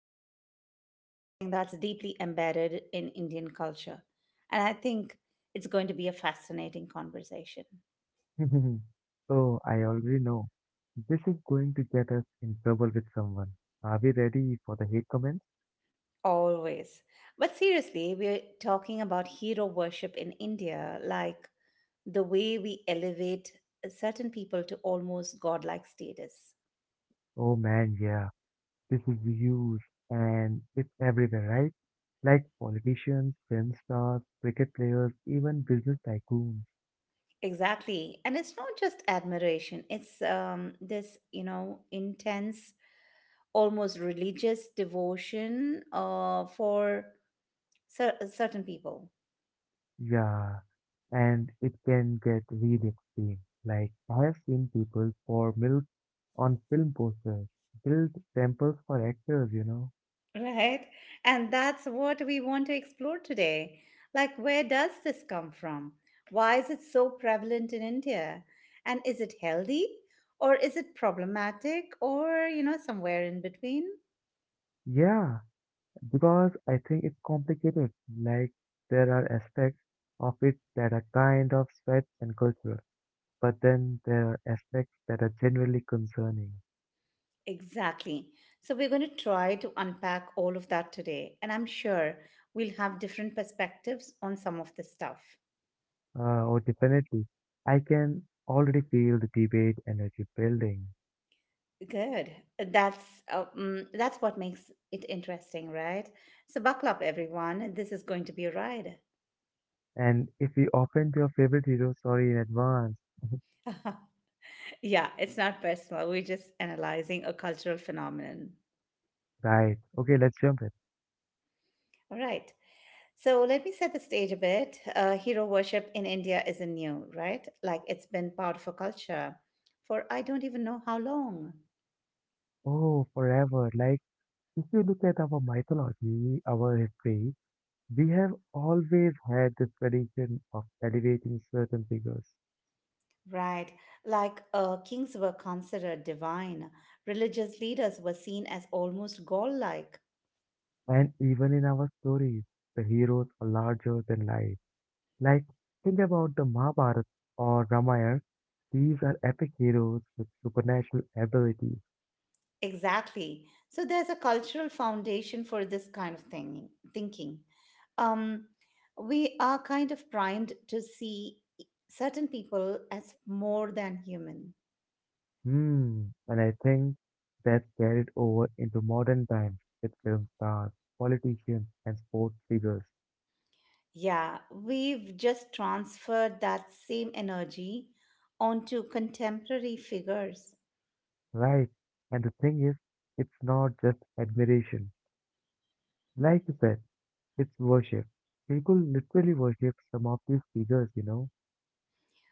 Today, we are tackling something that's deeply embedded in Indian culture. And I think it's going to be a fascinating conversation, Oh, I already know. This is going to get us in trouble with someone. Are we ready for the hate comments? always. But seriously, we're talking about hero worship in India, like the way we elevate certain people to almost godlike status. Oh man, yeah. This is huge and it's everywhere, right? Like politicians, film stars, cricket players, even business tycoons. Exactly. And it's not just admiration, it's this, intense almost religious devotion for certain people, Yeah. And it can get really extreme. Like, I have seen people pour milk on film posters, build temples for actors. right? And that's what we want to explore today. Like, where does this come from? Why is it so prevalent in India? And is it healthy or is it problematic or, you know, somewhere in between? Yeah, because I think it's complicated, like there are aspects of it that are kind of sweet and cultural, but then there are aspects that are generally concerning. Exactly. So, we're going to try to unpack all of that today. And I'm sure we'll have different perspectives on some of this stuff. Oh, definitely. I can already feel the debate energy building. Good. That's that's what makes it interesting, right? So buckle up, everyone. This is going to be a ride. And if we offend your favorite hero, sorry in advance. Yeah, it's not personal. We're just analyzing a cultural phenomenon. Right. Okay, let's jump in. All right. So let me set the stage a bit. Hero worship in India isn't new, right? Like it's been part of a culture for I don't even know how long. Oh, forever. Like, if you look at our mythology, our history, we have always had this tradition of elevating certain figures. Right. Like kings were considered divine, religious leaders were seen as almost god like. And even in our stories, the heroes are larger than life. Like, think about the Mahabharata or Ramayana. These are epic heroes with supernatural abilities. Exactly. So there's a cultural foundation for this kind of thing, thinking. Um, we are kind of primed to see certain people as more than human. And I think that's carried over into modern times with film stars, politicians, and sports figures. Yeah, we've just transferred that same energy onto contemporary figures, Right, and the thing is, it's not just admiration. Like you said, it's worship. People literally worship some of these figures.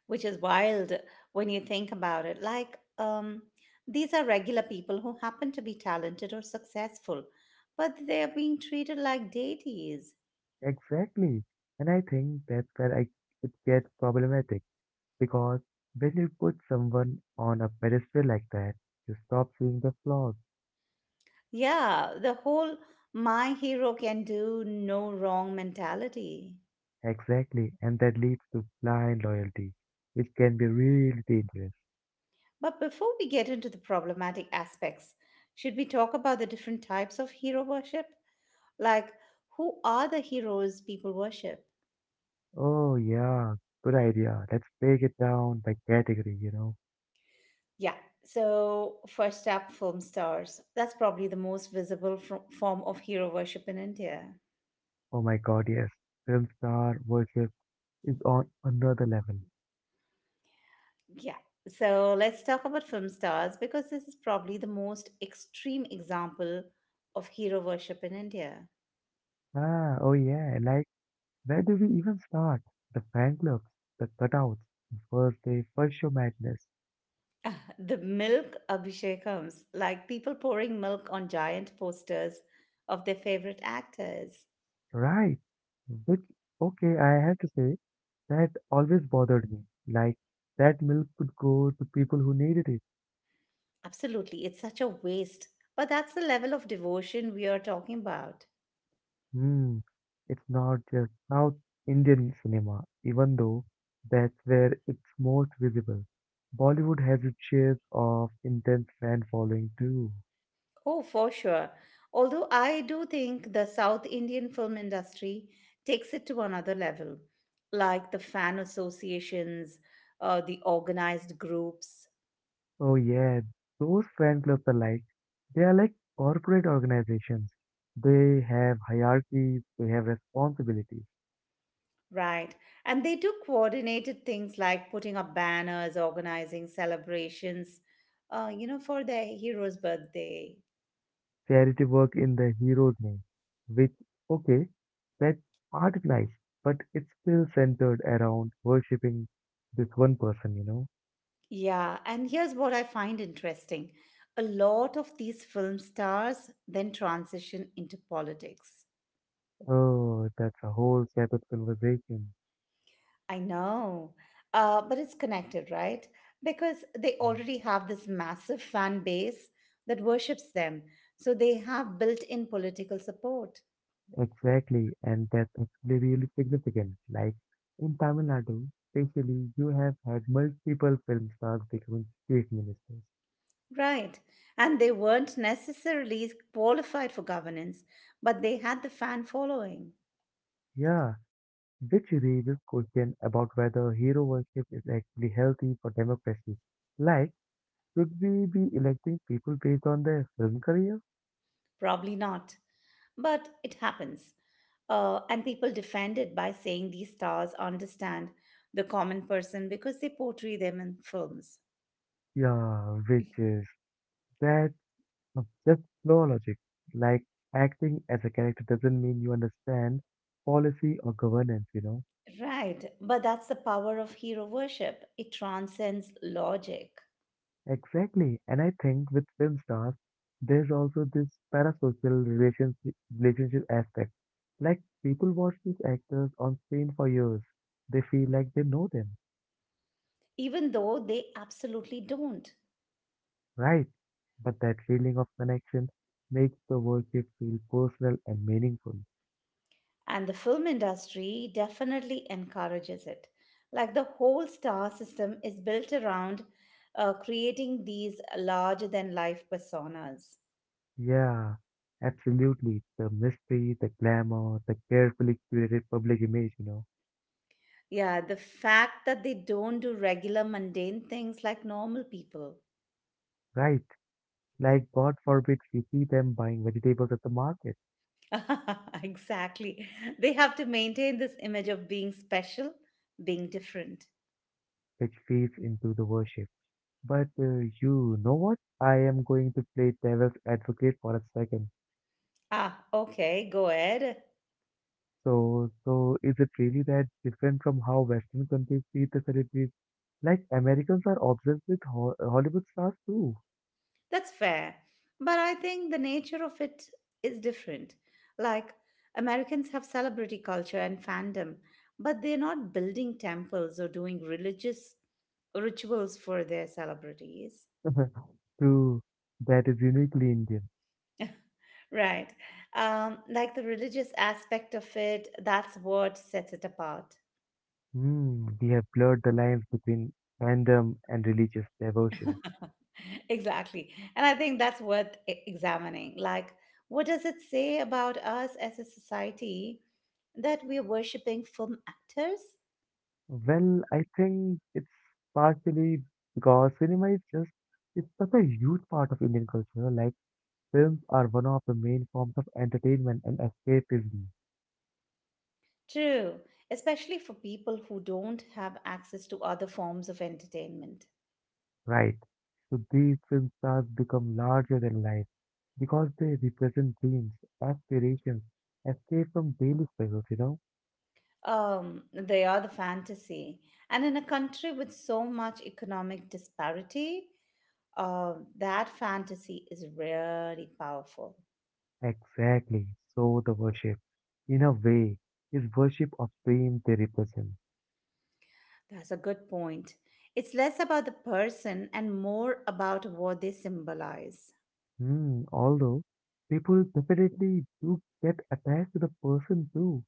which is wild when you think about it. Like, these are regular people who happen to be talented or successful, but they're being treated like deities. Exactly. And I think that's where it gets problematic because when you put someone on a pedestal like that, you stop seeing the flaws. Yeah, the whole my hero can do no wrong mentality. Exactly. And that leads to blind loyalty, which can be really dangerous. But before we get into the problematic aspects, should we talk about the different types of hero worship? Like, who are the heroes people worship? Oh, yeah, good idea. Let's break it down by category. Yeah, so first up, film stars. That's probably the most visible form of hero worship in India. Oh my God, yes. Film star worship is on another level. Yeah. So let's talk about film stars because this is probably the most extreme example of hero worship in India. Oh yeah, like, where do we even start? The fan clubs, the cutouts, the first day, first show madness. The milk abhishekams, like people pouring milk on giant posters of their favorite actors. Right. Which, okay, I have to say, that always bothered me. Like, that milk could go to people who needed it. Absolutely, it's such a waste. But that's the level of devotion we are talking about. Hmm. It's not just South Indian cinema, even though that's where it's most visible. Bollywood has its shares of intense fan following too. Oh, for sure. Although I do think the South Indian film industry takes it to another level, like the fan associations, the organized groups, Oh yeah, those fan clubs are like they are like corporate organizations. They have hierarchies, they have responsibilities. right. And they do coordinated things like putting up banners, organizing celebrations, for their hero's birthday. Charity work in the hero's name, which okay, that's part is nice, but it's still centered around worshipping this one person. Yeah. And here's what I find interesting a lot of these film stars then transition into politics. Oh, that's a whole separate conversation. I know. But it's connected, right? Because they already have this massive fan base that worships them. So they have built in political support. Exactly, and that's actually really significant. Like in Tamil Nadu, especially, you have had multiple film stars becoming chief ministers. Right. And they weren't necessarily qualified for governance, but they had the fan following. Yeah, which raises question about whether hero worship is actually healthy for democracy. Like, should we be electing people based on their film career? Probably not. But it happens. And people defend it by saying these stars understand the common person because they portray them in films. Yeah, which is that of just no logic. Like acting as a character doesn't mean you understand policy or governance. Right. But that's the power of hero worship. It transcends logic, Exactly. And I think with film stars, there's also this parasocial relationship aspect. Like people watch these actors on screen for years. They feel like they know them, even though they absolutely don't. right? But that feeling of connection makes the worship feel personal and meaningful. And the film industry definitely encourages it. Like the whole star system is built around creating these larger than life personas. Yeah, absolutely. The mystery, the glamour, the carefully curated public image. Yeah, the fact that they don't do regular mundane things like normal people. Right? Like God forbid we see them buying vegetables at the market, Exactly. They have to maintain this image of being special, being different. which feeds into the worship. But you know what? I am going to play devil's advocate for a second. Ah, okay, go ahead. So is it really that different from how Western countries treat the celebrities? Like Americans are obsessed with Ho Hollywood stars too. That's fair. But I think the nature of it is different. Like, Americans have celebrity culture and fandom, but they're not building temples or doing religious rituals for their celebrities. True, that is uniquely Indian. Right. Like the religious aspect of it, that's what sets it apart. We have blurred the lines between fandom and religious devotion. Exactly. And I think that's worth examining. Like, what does it say about us as a society that we're worshipping film actors? Well, I think it's partially because cinema is just it's such a huge part of Indian culture. Like films are one of the main forms of entertainment and escapism, True, especially for people who don't have access to other forms of entertainment. right? So these film stars become larger than life because they represent dreams, aspirations, escape from daily struggles. They are the fantasy. And in a country with so much economic disparity, that fantasy is really powerful. Exactly. So the worship, in a way, is worship of fame they represent. That's a good point. It's less about the person and more about what they symbolize. Although people definitely do get attached to the person too,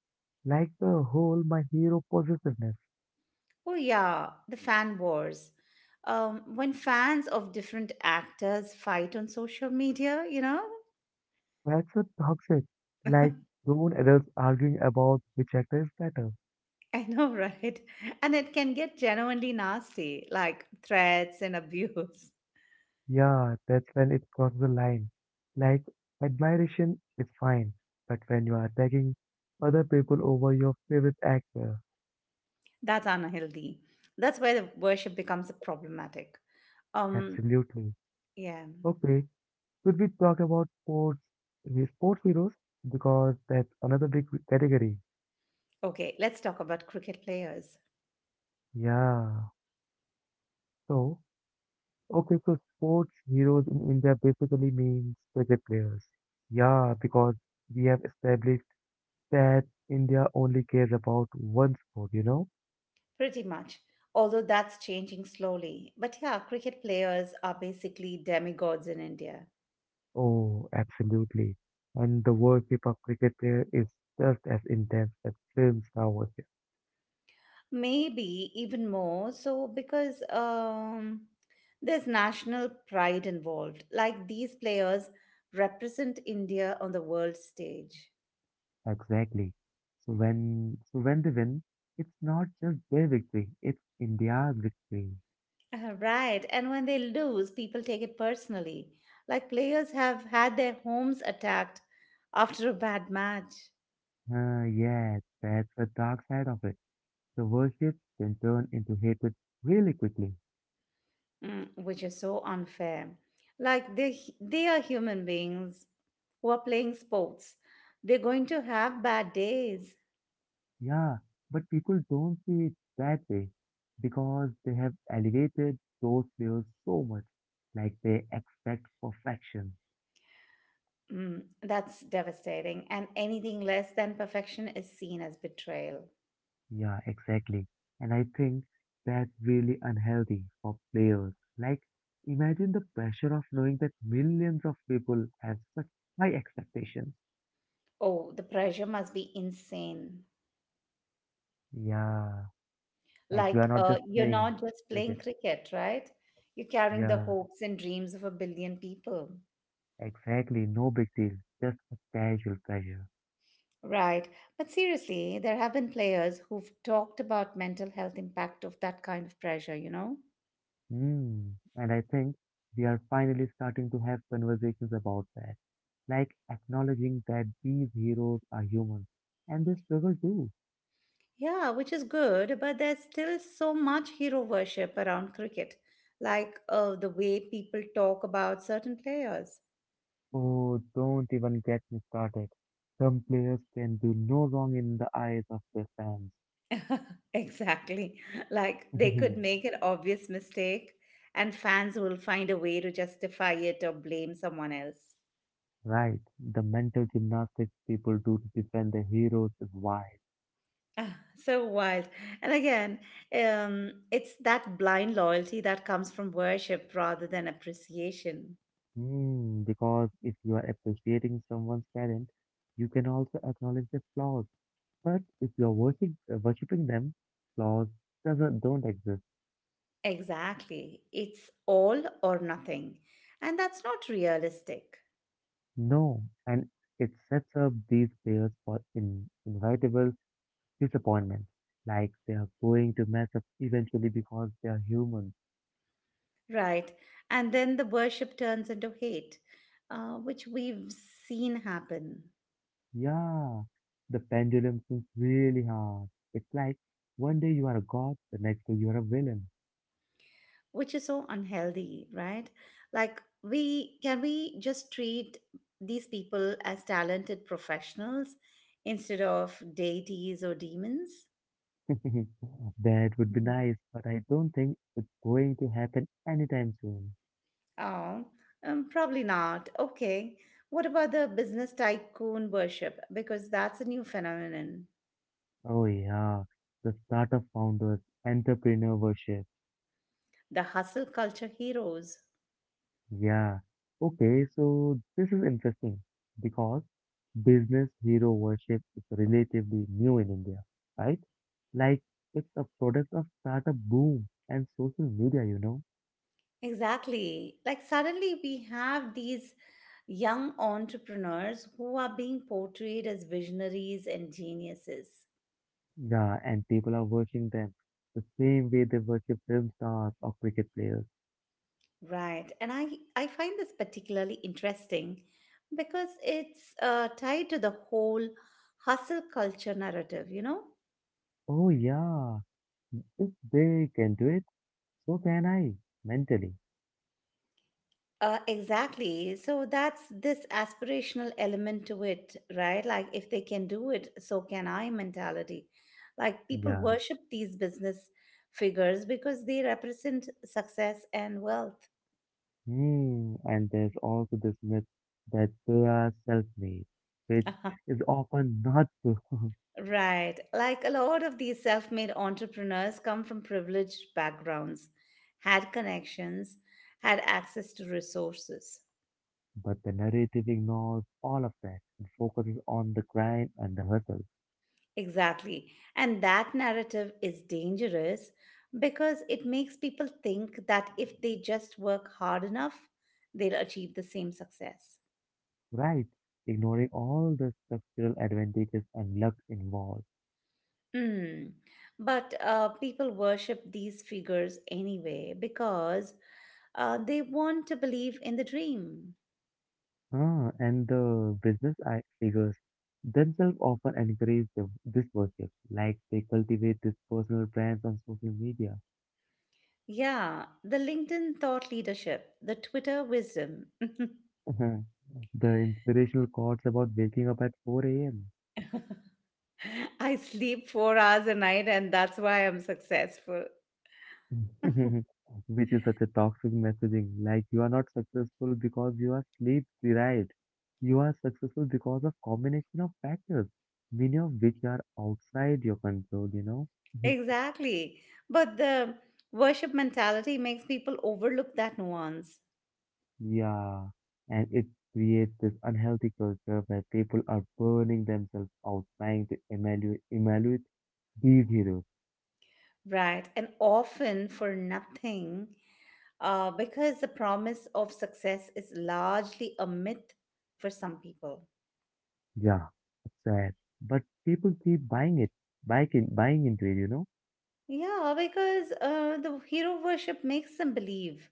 like the whole my hero possessiveness. Oh, yeah, the fan wars. When fans of different actors fight on social media, you know. That's so toxic. Like grown adults arguing about which actor is better. I know, right? And it can get genuinely nasty, like threats and abuse. Yeah, that's when it crosses the line. Like admiration is fine, but when you are taking other people over your favorite actor, That's unhealthy. That's where the worship becomes problematic. Um, absolutely. yeah. Okay, should we talk about sports the sports heroes? Because that's another big category. Okay, let's talk about cricket players. Yeah. So, okay, so sports heroes in India basically means cricket players. Yeah, because we have established that India only cares about one sport. Pretty much. Although that's changing slowly. But yeah, cricket players are basically demigods in India. Oh, absolutely. And the World Cup of Cricket player is just as intense as film star worship. Maybe even more so because there's national pride involved. Like these players represent India on the world stage. Exactly. So when they win, it's not just their victory, it's India's victory. Right. And when they lose, people take it personally. Like players have had their homes attacked after a bad match, Yes, that's the dark side of it. The worship can turn into hatred really quickly. mm, which is so unfair. Like they are human beings who are playing sports. They're going to have bad days. Yeah, but people don't see it that way because they have elevated those players so much, like they expect perfection. Mm, that's devastating. And anything less than perfection is seen as betrayal. Yeah, exactly. And I think that's really unhealthy for players. Like, imagine the pressure of knowing that millions of people have such high expectations. Oh, the pressure must be insane. Yeah, like you Like, are not just you're playing not just cricket. playing cricket, right? You're carrying the Yeah, hopes and dreams of a billion people. exactly. No big deal. Just a casual pressure. Right. But seriously, there have been players who've talked about mental health impact of that kind of pressure, you know? Hmm. And I think we are finally starting to have conversations about that, like acknowledging that these heroes are human and they struggle too. Yeah, which is good, but there's still so much hero worship around cricket, like the way people talk about certain players. Oh, don't even get me started. Some players can do no wrong in the eyes of their fans. Exactly. Like they could make an obvious mistake, and fans will find a way to justify it or blame someone else. Right, the mental gymnastics people do to defend their heroes is wild. So wild. And again, it's that blind loyalty that comes from worship rather than appreciation. Because if you are appreciating someone's talent, you can also acknowledge their flaws. But if you're worshiping them, flaws doesn't, don't exist. Exactly. It's all or nothing. And that's not realistic. No, and it sets up these players for inevitable disappointments, like they are going to mess up eventually because they are human. Right. And then the worship turns into hate, which we've seen happen. Yeah, the pendulum swings really hard. It's like one day you are a god, the next day you are a villain. Which is so unhealthy, right? Like we can we just treat these people as talented professionals instead of deities or demons? That would be Mhm. nice, but I don't think it's going to happen anytime soon. Oh, probably not. Okay. What about the business tycoon worship? Because that's a new phenomenon. Oh yeah, the startup founders, entrepreneurship. The hustle culture heroes. Yeah. Okay, so this is interesting because business hero worship is relatively new in India, right? Like it's a product of startup boom and social media. Exactly. Like suddenly we have these young entrepreneurs who are being portrayed as visionaries and geniuses. Yeah, and people are watching them the same way they worship film stars or cricket players. Right. And I find this particularly interesting because it's tied to the whole hustle culture narrative, you know? Oh yeah, if they can do it, so can I, mentally. Exactly. So that's this aspirational element to it, right? Like, if they can do it, so can I mentality. Like, people Yeah. worship these business figures because they represent success and wealth. And there's also this myth that they are self-made, which is often not true. Right. Like a lot of these self made entrepreneurs come from privileged backgrounds, had connections, had access to resources. But the narrative ignores all of that and focuses on the grind and the hustle, Exactly. And that narrative is dangerous because it makes people think that if they just work hard enough, they'll achieve the same success. right? Ignoring all the structural advantages and luck involved. Hmm. But people worship these figures anyway because they want to believe in the dream. And the business figures themselves often encourage this worship, like they cultivate these personal brands on social media. Yeah, the LinkedIn thought leadership, the Twitter wisdom. The inspirational quotes about waking up at 4 a.m. I sleep 4 hours a night and that's why I'm successful. Which is such a toxic messaging. Like, you are not successful because you are sleep deprived. You are successful because of combination of factors, many of which are outside your control. Mhm. Exactly. But the worship mentality makes people overlook that nuance, Yeah. And it creates this unhealthy culture where people are burning themselves out, trying to evaluate these heroes. right? And often for nothing, because the promise of success is largely a myth for some people. Yeah, sad. But people keep buying it, buying into it. Yeah, because the hero worship makes them believe.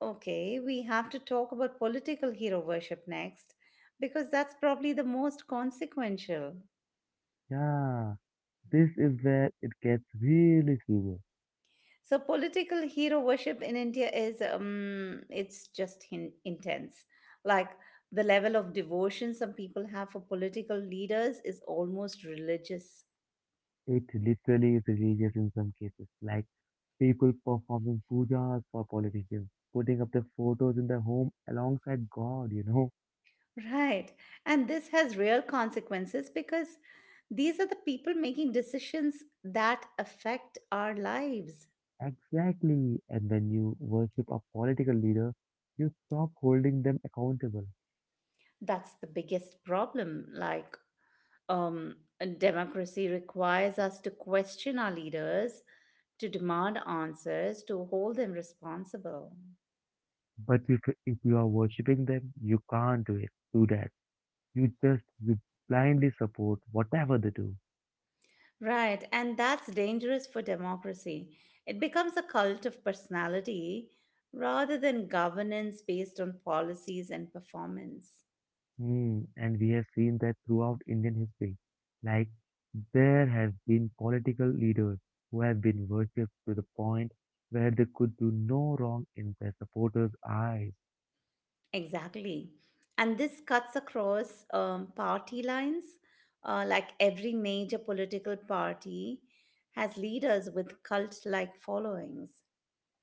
Okay, we have to talk about political hero worship next because that's probably the most consequential. Yeah. This is where it gets really serious. So political hero worship in India is intense. Like the level of devotion some people have for political leaders is almost religious. It literally is religious in some cases, like people performing pujas for politicians, putting up their photos in their home alongside God. Right. And this has real consequences because these are the people making decisions that affect our lives. Exactly. And when you worship a political leader, you stop holding them accountable. That's the biggest problem. Like, um, democracy requires us to question our leaders, to demand answers, to hold them responsible. But if you are worshipping them, you can't do it. Do that. You just you blindly support whatever they do. Right. And that's dangerous for democracy. It becomes a cult of personality rather than governance based on policies and performance. And we have seen that throughout Indian history. Like, there have been political leaders who have been worshipped to the point where they could do no wrong in their supporters' eyes. Exactly. And this cuts across party lines. Like every major political party has leaders with cult like followings.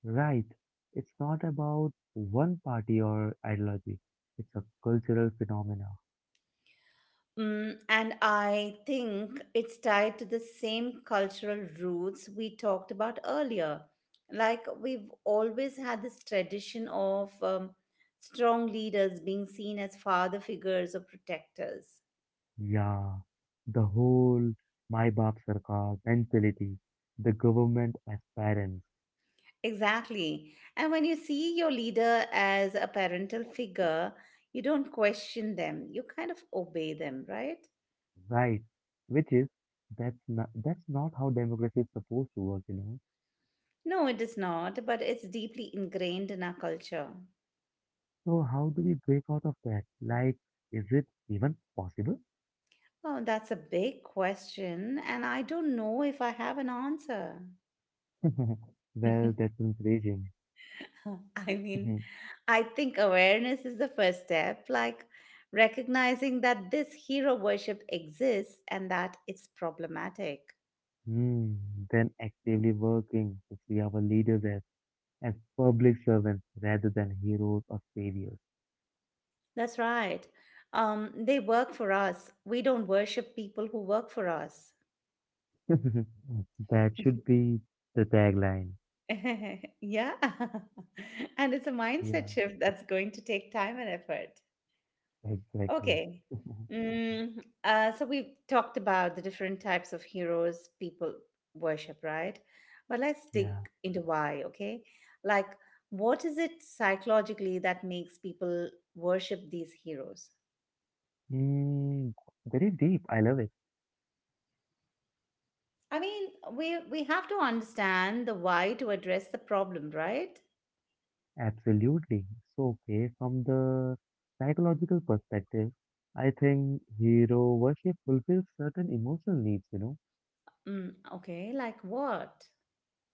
Right. It's not about one party or ideology, it's a cultural phenomena. Mm, and I think it's tied to the same cultural roots we talked about earlier. Like we've always had this tradition of strong leaders being seen as father figures or protectors. Yeah. The whole My Baap Sarkar mentality, the government as parents. Exactly. And when you see your leader as a parental figure, you don't question them. You kind of obey them, right? Right. Which is that's not how democracy is supposed to work. No, it is not, but it's deeply ingrained in our culture. So how do we break out of that? Like, is it even possible? Oh, that's a big question, and I don't know if I have an answer. Well, that's encouraging. I mean, Mhm. I think awareness is the first step, like recognizing that this hero worship exists and that it's problematic. Hmm, Then actively working to see our leaders as public servants rather than heroes or saviors. That's right. They work for us. We don't worship people who work for us. That should be the tagline. Yeah. And it's a mindset Yeah, shift that's going to take time and effort. exactly. Okay. So we've talked about the different types of heroes people worship, right? But let's dig Yeah. into why, okay? Like, what is it psychologically that makes people worship these heroes? Mm, very deep. I love it. I mean, we have to understand the why to address the problem, right? Absolutely. So, okay, from the psychological perspective, I think hero worship fulfills certain emotional needs, Mm, okay, like what?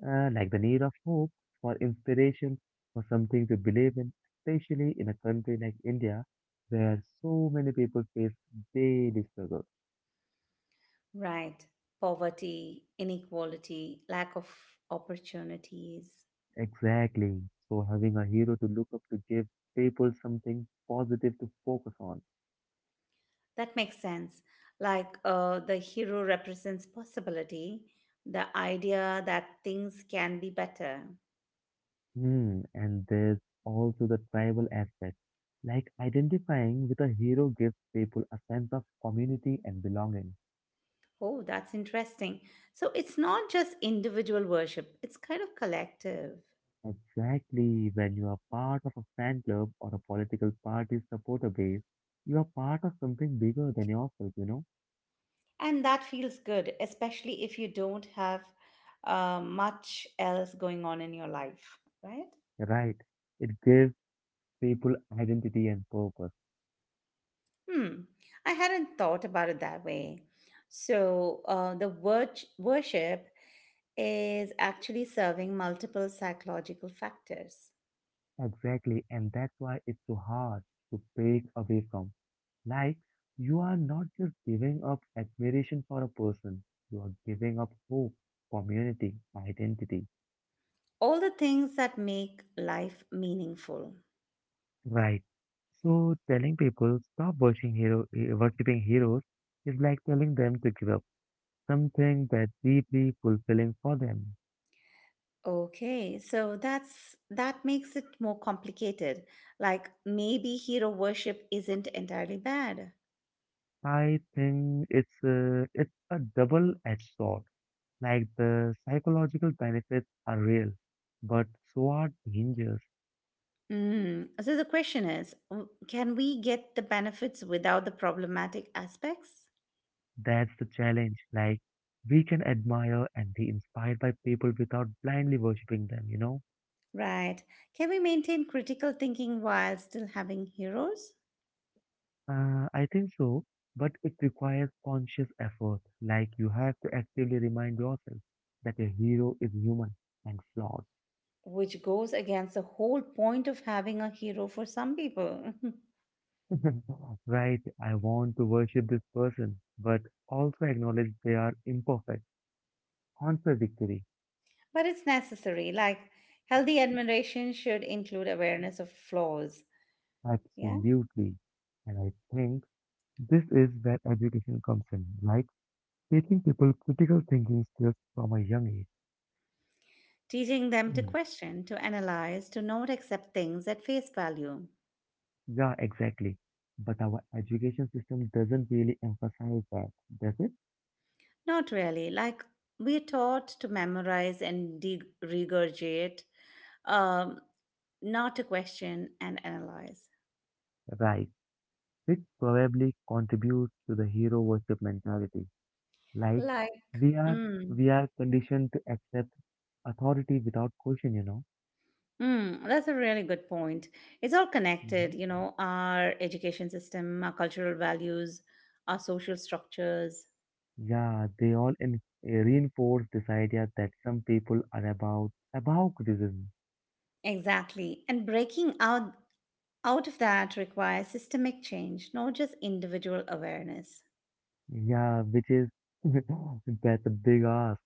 like the need of hope, for inspiration, for something to believe in, especially in a country like India, where so many people face daily struggles. Right. Poverty, inequality, lack of opportunities. Exactly. So, having a hero to look up to gives people something positive to focus on. That makes sense. Like the hero represents possibility, the idea that things can be better. And there's also the tribal aspect, like identifying with a hero gives people a sense of community and belonging. Oh, that's interesting. So it's not just individual worship, it's kind of collective. Exactly, when you are part of a fan club or a political party supporter base, you are part of something bigger than yourself. And that feels good, especially if you don't have much else going on in your life, right? Right. It gives people identity and purpose. Hmm, I hadn't thought about it that way. So the worship is actually serving multiple psychological factors, Exactly, and that's why it's so hard to break away from. Like, you are not just giving up admiration for a person, you are giving up hope, community, identity. all the things that make life meaningful. Right. So telling people stop watching worshipping heroes is like telling them to give up something that's deeply fulfilling for them. Okay, so that makes it more complicated. Like maybe hero worship isn't entirely bad. I think it's a double-edged sword. Like the psychological benefits are real, but so are dangers. Mm. So the question is, can we get the benefits without the problematic aspects? That's the challenge. Like, we can admire and be inspired by people without blindly worshipping them, you know? Right. Can we maintain critical thinking while still having heroes? I think so, but it requires conscious effort. Like, you have to actively remind yourself that a hero is human and flawed. Which goes against the whole point of having a hero for some people. Right? I want to worship this person, but also acknowledge they are imperfect, contradictory. But it's necessary. Like, healthy admiration should include awareness of flaws. Yeah. Absolutely. And I think this is where education comes in, like. Teaching people critical thinking skills from a young age. Teaching them to Mm. question, to analyze, to not accept things at face value. Yeah, exactly. But our education system doesn't really emphasize that, does it? Not really. Like we're taught to memorize and regurgitate, um, not to question and analyze. Right. Which probably contributes to the hero worship mentality. Like Like, we are mm, we are conditioned to accept authority without question, you know. That's a really good point. It's all Hmm. connected, you know, our education system, our cultural values, our social structures. Yeah, they all in, reinforce this idea that some people are about criticism. Exactly. And breaking out of that requires systemic change, not just individual awareness. Yeah, which is that's a big ask.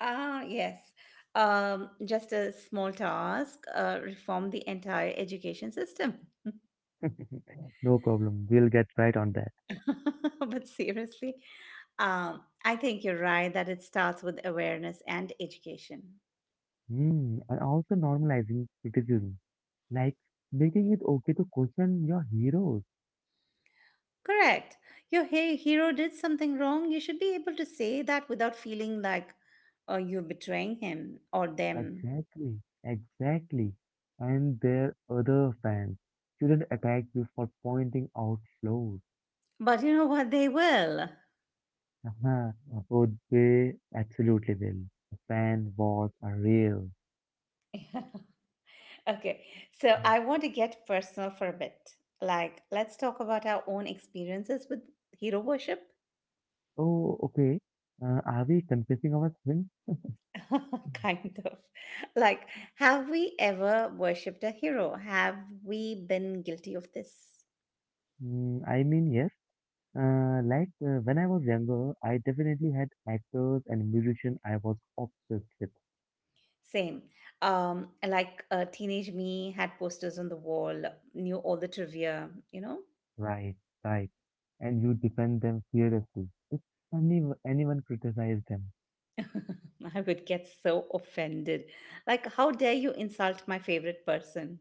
Ah, yes. Just a small task, reform the entire education system. No problem. We'll get right on that. But seriously, I think you're right that it starts with awareness and education. Hmm. And also normalizing criticism, like making it okay to question your heroes. Correct. Your hero did something wrong. You should be able to say that without feeling like you're betraying him or them. Exactly. Exactly. And their other fans shouldn't attack you for pointing out flaws. But you know what? They will. Haha, oh, they absolutely will. Fan wars are real. Okay, so I want to get personal for a bit. Like, let's talk about our own experiences with hero worship. Oh, okay. Are we confessing our sins? Kind of. Like, have we ever worshipped a hero? Have we been guilty of this? Mm, I mean, yes. Like when I was younger, I definitely had actors and musicians I was obsessed with. Same. Teenage me had posters on the wall, knew all the trivia, you know? Right, right. And you defend them fearlessly. If anyone criticized them. I would get so offended. Like, how dare you insult my favorite person?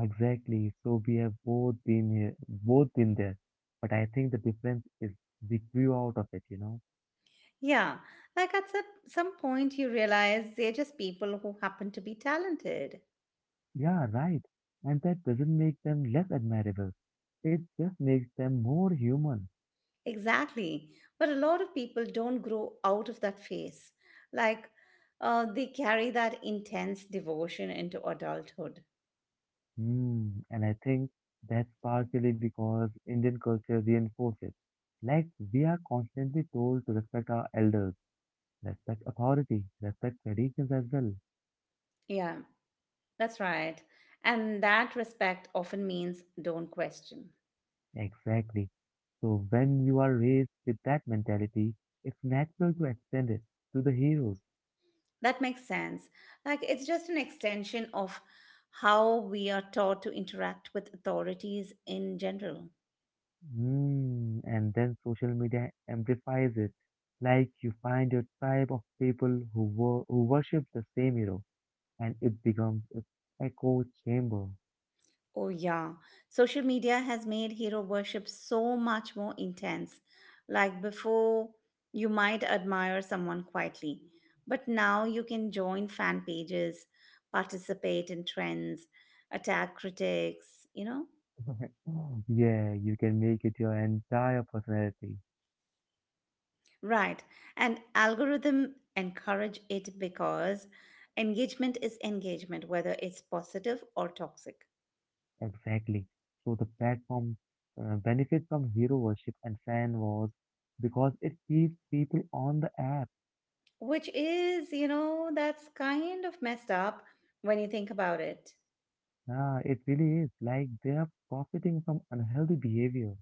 Exactly. So we have both been here, both been there. But I think the difference is we grew out of it, you know? Yeah, like at some point you realize they're just people who happen to be talented. Yeah, right. And that doesn't make them less admirable. It just makes them more human. Exactly. But a lot of people don't grow out of that phase. Like they carry that intense devotion into adulthood. Hmm, and I think that's partially because Indian culture reinforces. Like, we are constantly told to respect our elders, respect authority, respect traditions as well. Yeah, that's right. And that respect often means don't question. Exactly. So, when you are raised with that mentality, it's natural to extend it to the heroes. That makes sense. Like it's just an extension of how we are taught to interact with authorities in general. Hmm, and then social media amplifies it. Like, you find your tribe of people who worship the same hero, and it becomes its echo chamber. Oh, yeah. Social media has made hero worship so much more intense. Like before, you might admire someone quietly, but now you can join fan pages, participate in trends, attack critics, you know? Yeah, you can make it your entire personality. Right. And algorithm encourage it because engagement is engagement, whether it's positive or toxic. Exactly. So the platform benefits from hero worship and fan wars because it keeps people on the app. Which is, you know, that's kind of messed up when you think about it. Yeah, it really is. Like they are profiting from unhealthy behavior.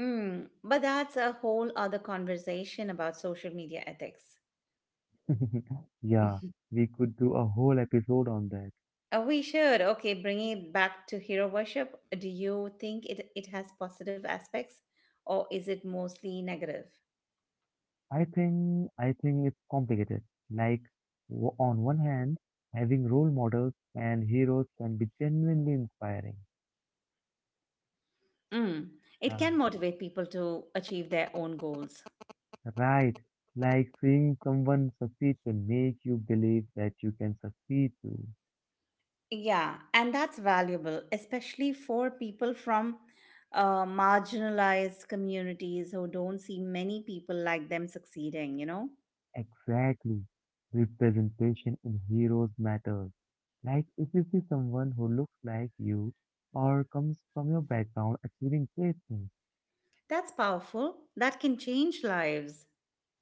Mm, but that's a whole other conversation about social media ethics. Yeah, we could do a whole episode on that. We should, okay, bringing it back to hero worship. Do you think it has positive aspects or is it mostly negative? I think it's complicated. Like w on one hand, having role models and heroes can be genuinely inspiring. Mm, it Yeah, can motivate people to achieve their own goals. right, like seeing someone succeed can make you believe that you can succeed too. Yeah, and that's valuable, especially for people from marginalized communities who don't see many people like them succeeding, you know? Exactly. Representation in heroes matters. Like if you see someone who looks like you or comes from your background achieving great things. That's powerful. That can change lives.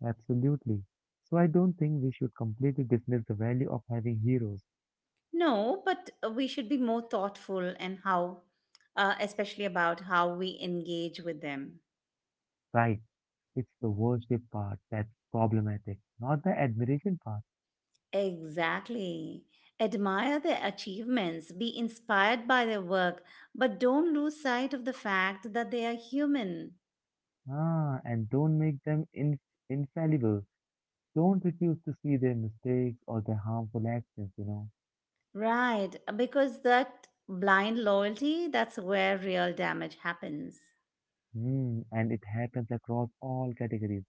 Absolutely. So I don't think we should completely dismiss the value of having heroes. No, but we should be more thoughtful and how, especially about how we engage with them. Right. It's the worship part that's problematic, not the admiration part. Exactly. Admire their achievements, be inspired by their work, but don't lose sight of the fact that they are human. Ah, and don't make them in infallible. Don't refuse to see their mistakes or their harmful actions, you know. Right, because that blind loyalty, that's where real damage happens. Hmm, and it happens across all categories.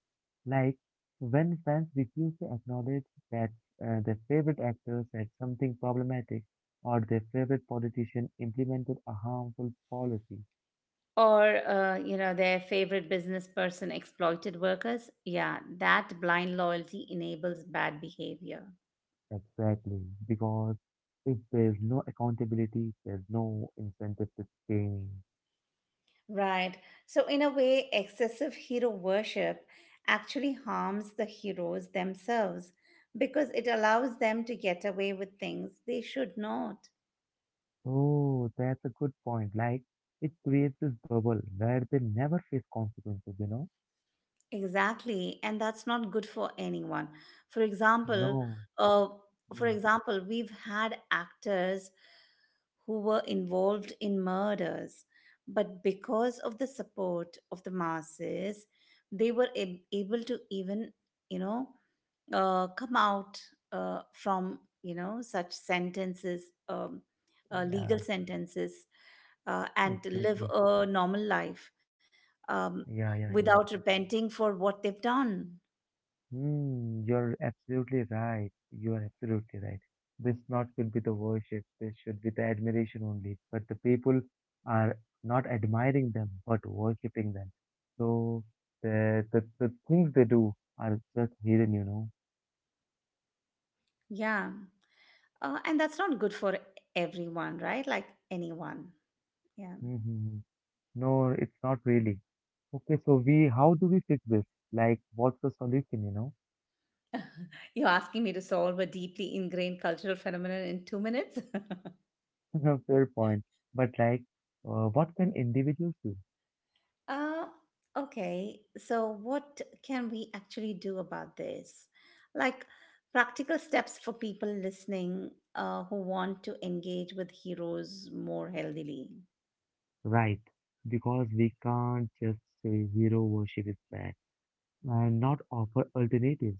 Like when fans refuse to acknowledge that their favorite actor said something problematic or their favorite politician implemented a harmful policy. Or, you know, their favorite business person exploited workers. Yeah, that blind loyalty enables bad behavior. Exactly, because if there's no accountability, there's no incentive to change. Right. So, in a way, excessive hero worship actually harms the heroes themselves because it allows them to get away with things they should not. Oh, that's a good point. Like it creates this bubble where they never face consequences, you know. Exactly. And that's not good for anyone. For example, No. uh, Mm. We've had actors who were involved in murders, but because of the support of the masses, they were able to even, you know, come out from you know such sentences Yeah, legal sentences and live exactly. a normal life um, Yeah, yeah, yeah. without repenting for what they've done. Mm, you're absolutely right. You are absolutely right. This not should be the worship. This should be the admiration only. But the people are not admiring them, but worshipping them. So the things they do are just hidden, you know. Yeah, and that's not good for everyone, right? Like anyone. Yeah. Mm-hmm. No, it's not really. Okay, so we how do we fix this? Like, what's the solution, you know? You're asking me to solve a deeply ingrained cultural phenomenon in 2 minutes. Fair point. But like, what can individuals do? Uh, okay, so what can we actually do about this? Like practical steps for people listening who want to engage with heroes more healthily. Right. Because we can't just say hero worship is bad and not offer alternatives.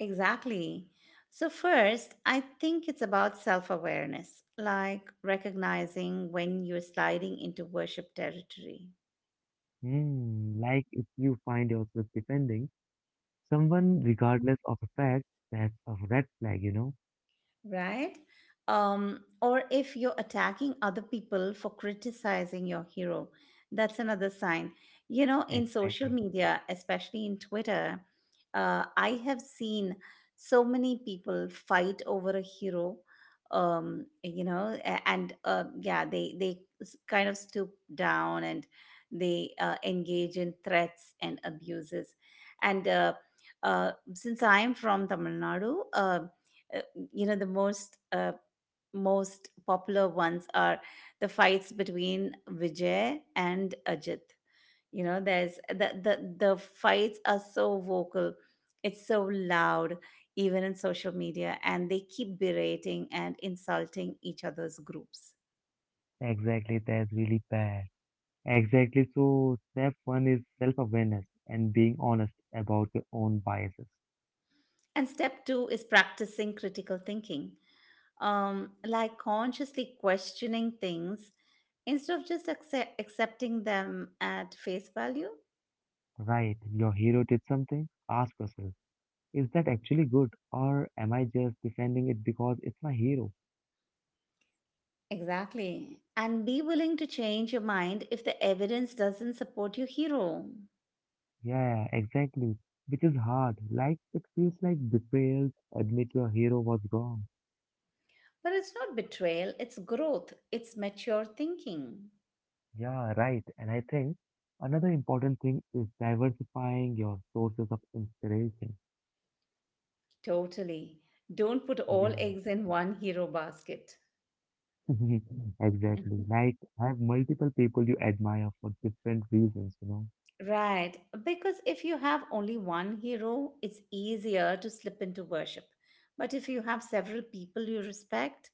Exactly. So, first, I think it's about self awareness, like recognizing when you're sliding into worship territory. Hmm. Like if you find yourself defending someone regardless of the fact, that's a red flag, you know? Right? Or if you're attacking other people for criticizing your hero, that's another sign. You know, in social Exactly. media, especially in Twitter, I have seen so many people fight over a hero. You know, a- and yeah, they kind of stoop down and they engage in threats and abuses. And Since I am from Tamil Nadu, you know the most popular ones are the fights between Vijay and Ajit. You know, there's the fights are so vocal, it's so loud, even in social media, and they keep berating and insulting each other's groups. Exactly. That's really bad. Exactly. So step one is self-awareness and being honest about your own biases. And step two is practicing critical thinking, like consciously questioning things instead of just accepting them at face value. Right. Your hero did something. Ask yourself. Is that actually good, or am I just defending it because it's my hero? Exactly. And be willing to change your mind if the evidence doesn't support your hero. Yeah, exactly. Which is hard. Like, it feels like betrayal admit your hero was wrong. But it's not betrayal, it's growth, it's mature thinking. Yeah, right. And I think another important thing is diversifying your sources of inspiration. Totally. Don't put all Yeah, eggs in one hero basket. exactly. Like, have multiple people you admire for different reasons, you know. Right. Because if you have only one hero, it's easier to slip into worship. But if you have several people you respect,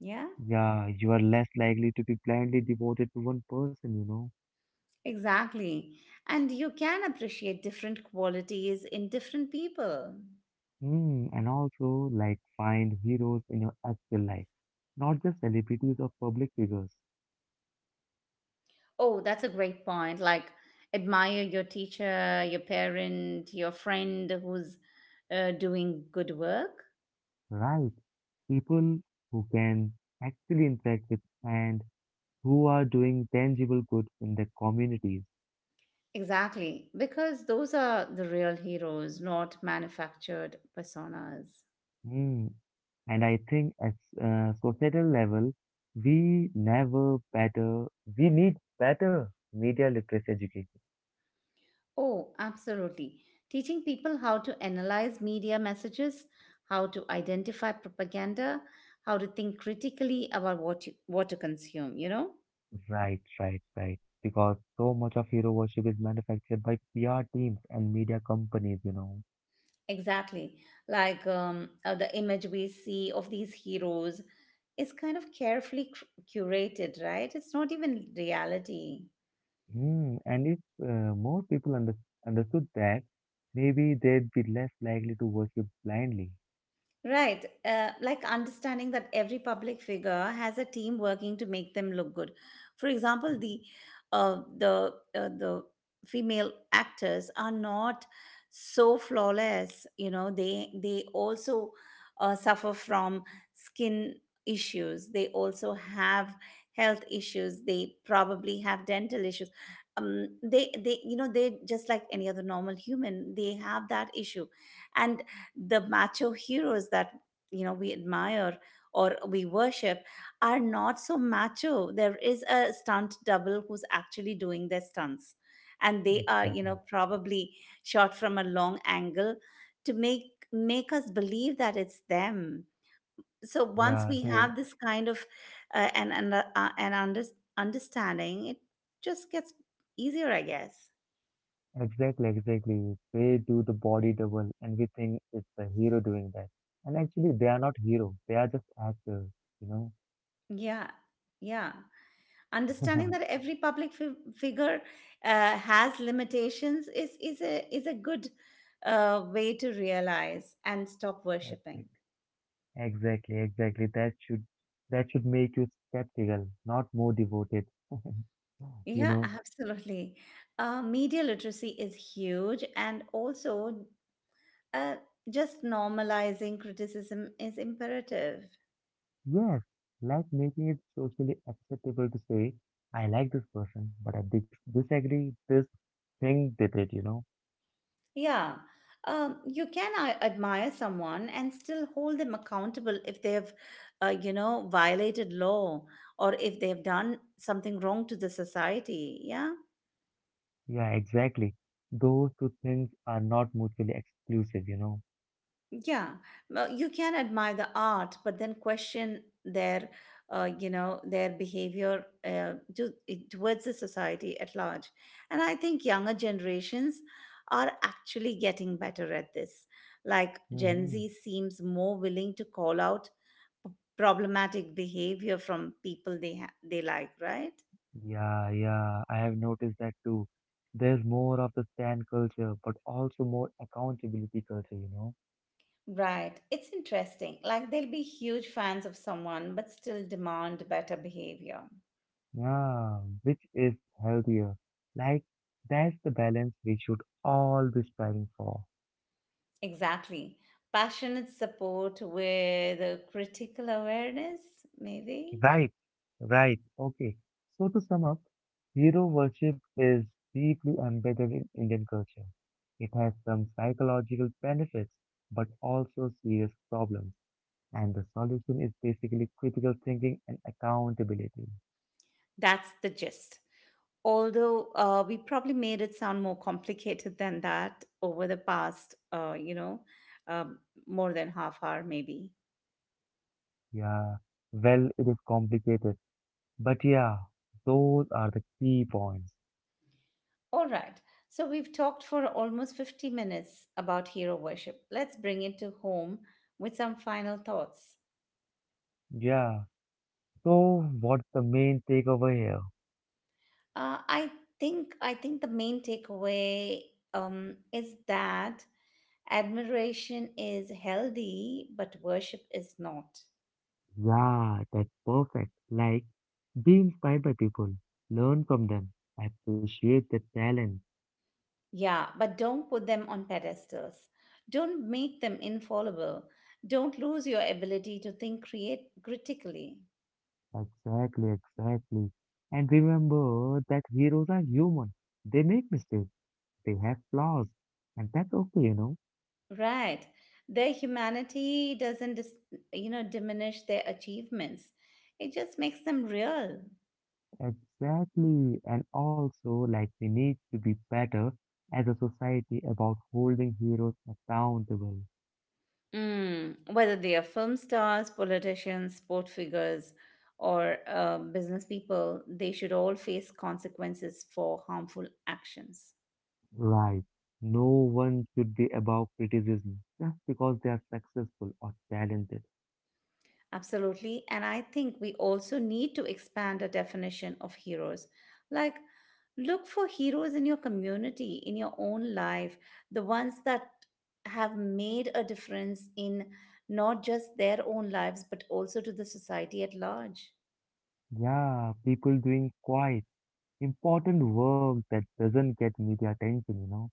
yeah, Yeah, you are less likely to be blindly devoted to one person, you know. exactly. And you can appreciate different qualities in different people. Hmm, and also, like, find heroes in your actual life, not just celebrities or public figures, Oh, that's a great point. Like, admire your teacher, your parent, your friend who's doing good work. right? People who can actually interact with and who are doing tangible good in their communities. Exactly, because those are the real heroes, not manufactured personas. Hmm, and I think at societal level, we never better, we need better media literacy education. Oh, absolutely. Teaching people how to analyze media messages, how to identify propaganda, how to think critically about what to consume, you know? Right, right, right. Because so much of hero worship is manufactured by PR teams and media companies, you know. Exactly. Like the image we see of these heroes is kind of carefully curated, right? It's not even reality. Mm, and if more people understood that, maybe they'd be less likely to worship blindly. Right. Like understanding that every public figure has a team working to make them look good. For example, the female actors are not so flawless. You know, they also suffer from skin issues. They also have health issues. They probably have dental issues. They you know they just like any other normal human. They have that issue, and the macho heroes that you know we admire or we worship are not so macho. There is a stunt double who's actually doing their stunts, and they are you Exactly. know probably shot from a long angle to make us believe that it's them. So once Yeah, we they have this kind of uh, an an, uh, an under, understanding it just gets easier, I guess. exactly, exactly. They do the body double, and we think it's a hero doing that. And actually, they are not hero. They are just actors, you know. Yeah, yeah, understanding that every public figure has limitations is a good way to realize and stop worshiping. Exactly. Exactly, exactly. That should make you skeptical, not more devoted. You Yeah, know. absolutely. Media literacy is huge, and also uh, just normalizing criticism is imperative. Yes, like making it socially acceptable to say, I like this person, but I disagree this thing they did, you know? Yeah. You can admire someone and still hold them accountable if they've, you know, violated law or if they've done something wrong to the society. Yeah. Yeah, exactly. Those two things are not mutually exclusive, you know? Yeah. Well, you can admire the art, but then question their, you know, their behavior towards the society at large. And I think younger generations are actually getting better at this. Like Gen Hmm. Z seems more willing to call out problematic behavior from people they like, right? Yeah, yeah, I have noticed that too. There's more of the stand culture, but also more accountability culture, you know? Right. It's interesting. Like they'll be huge fans of someone but still demand better behavior. Yeah, which is healthier. Like, that's the balance we should all be striving for. Exactly. Passionate support with a critical awareness, maybe. Right, right. Okay. So to sum up, hero worship is deeply embedded in Indian culture. It has some psychological benefits, but also serious problems. And the solution is basically critical thinking and accountability. That's the gist. Although we probably made it sound more complicated than that over the past, you know, um, more than half hour, maybe. Yeah, well, it is complicated, but yeah, those are the key points. All right. So we've talked for almost 50 minutes about hero worship. Let's bring it to home with some final thoughts. Yeah. So what's the main takeaway here? Uh, I I think the main takeaway is that admiration is healthy, but worship is not. Yeah, that's perfect. Like, be inspired by people, learn from them, appreciate their talent. Yeah, but don't put them on pedestals. Don't make them infallible. Don't lose your ability to think create critically. Exactly, exactly. And remember that heroes are human. They make mistakes, they have flaws, and that's okay, you know. Right. Their humanity doesn't you know, diminish their achievements. It just makes them real. Exactly. And also, like, we need to be better as a society about holding heroes accountable. Mm, whether they are film stars, politicians, sport figures, or business people, they should all face consequences for harmful actions. Right. No one should be above criticism just because they are successful or talented. Absolutely. And I think we also need to expand a definition of heroes. Like, look for heroes in your community, in your own life, the ones that have made a difference in not just their own lives, but also to the society at large. Yeah, people doing quiet, important work that doesn't get media attention, you know.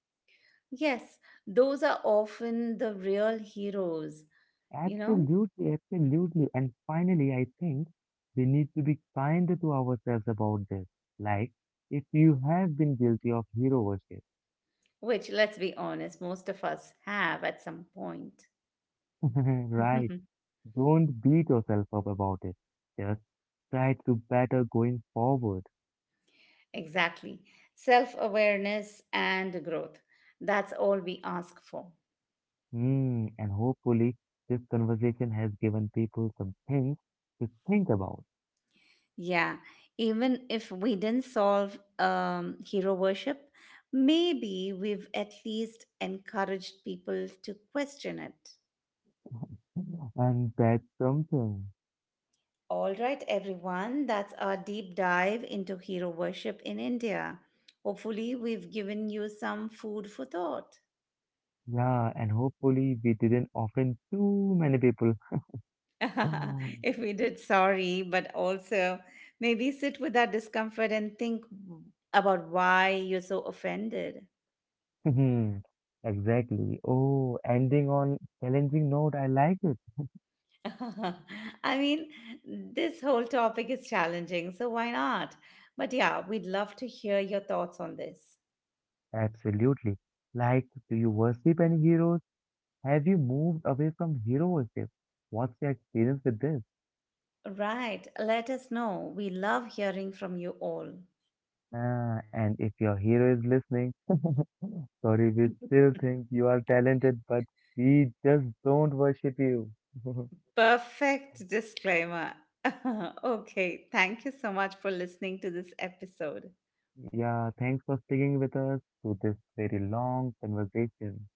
Yes, those are often the real heroes, you know, Absolutely, absolutely. And finally, I think we need to be kind to ourselves about this. Like, if you have been guilty of hero worship, which, let's be honest, most of us have at some point. right, don't beat yourself up about it. Just try to better going forward. Exactly. Self awareness and growth. That's all we ask for. Hmm, and hopefully, this conversation has given people some things to think about. Yeah. Even if we didn't solve hero worship, maybe we've at least encouraged people to question it. And that's something. All right, everyone. That's our deep dive into hero worship in India. Hopefully, we've given you some food for thought. Yeah, and hopefully we didn't offend too many people. Oh, If we did, sorry, but also maybe sit with that discomfort and think about why you're so offended. exactly. Oh, ending on challenging note, I like it. I mean, this whole topic is challenging, so why not? But yeah, we'd love to hear your thoughts on this. Absolutely. Like, do you worship any heroes? Have you moved away from hero worship? What's your experience with this? Right, let us know. We love hearing from you all. Ah, and if your hero is listening, sorry, we still think you are talented, but we just don't worship you. Perfect disclaimer. Okay, thank you so much for listening to this episode. Yeah, thanks for sticking with us through this very long conversation.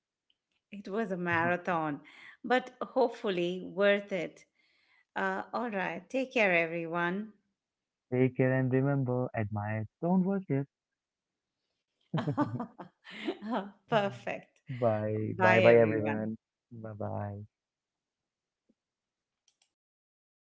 It was a marathon, but hopefully worth it. All right. Take care, everyone. Take care and remember, admire, don't worship. Perfect. Bye. Bye Bye, bye everyone. everyone. Bye bye.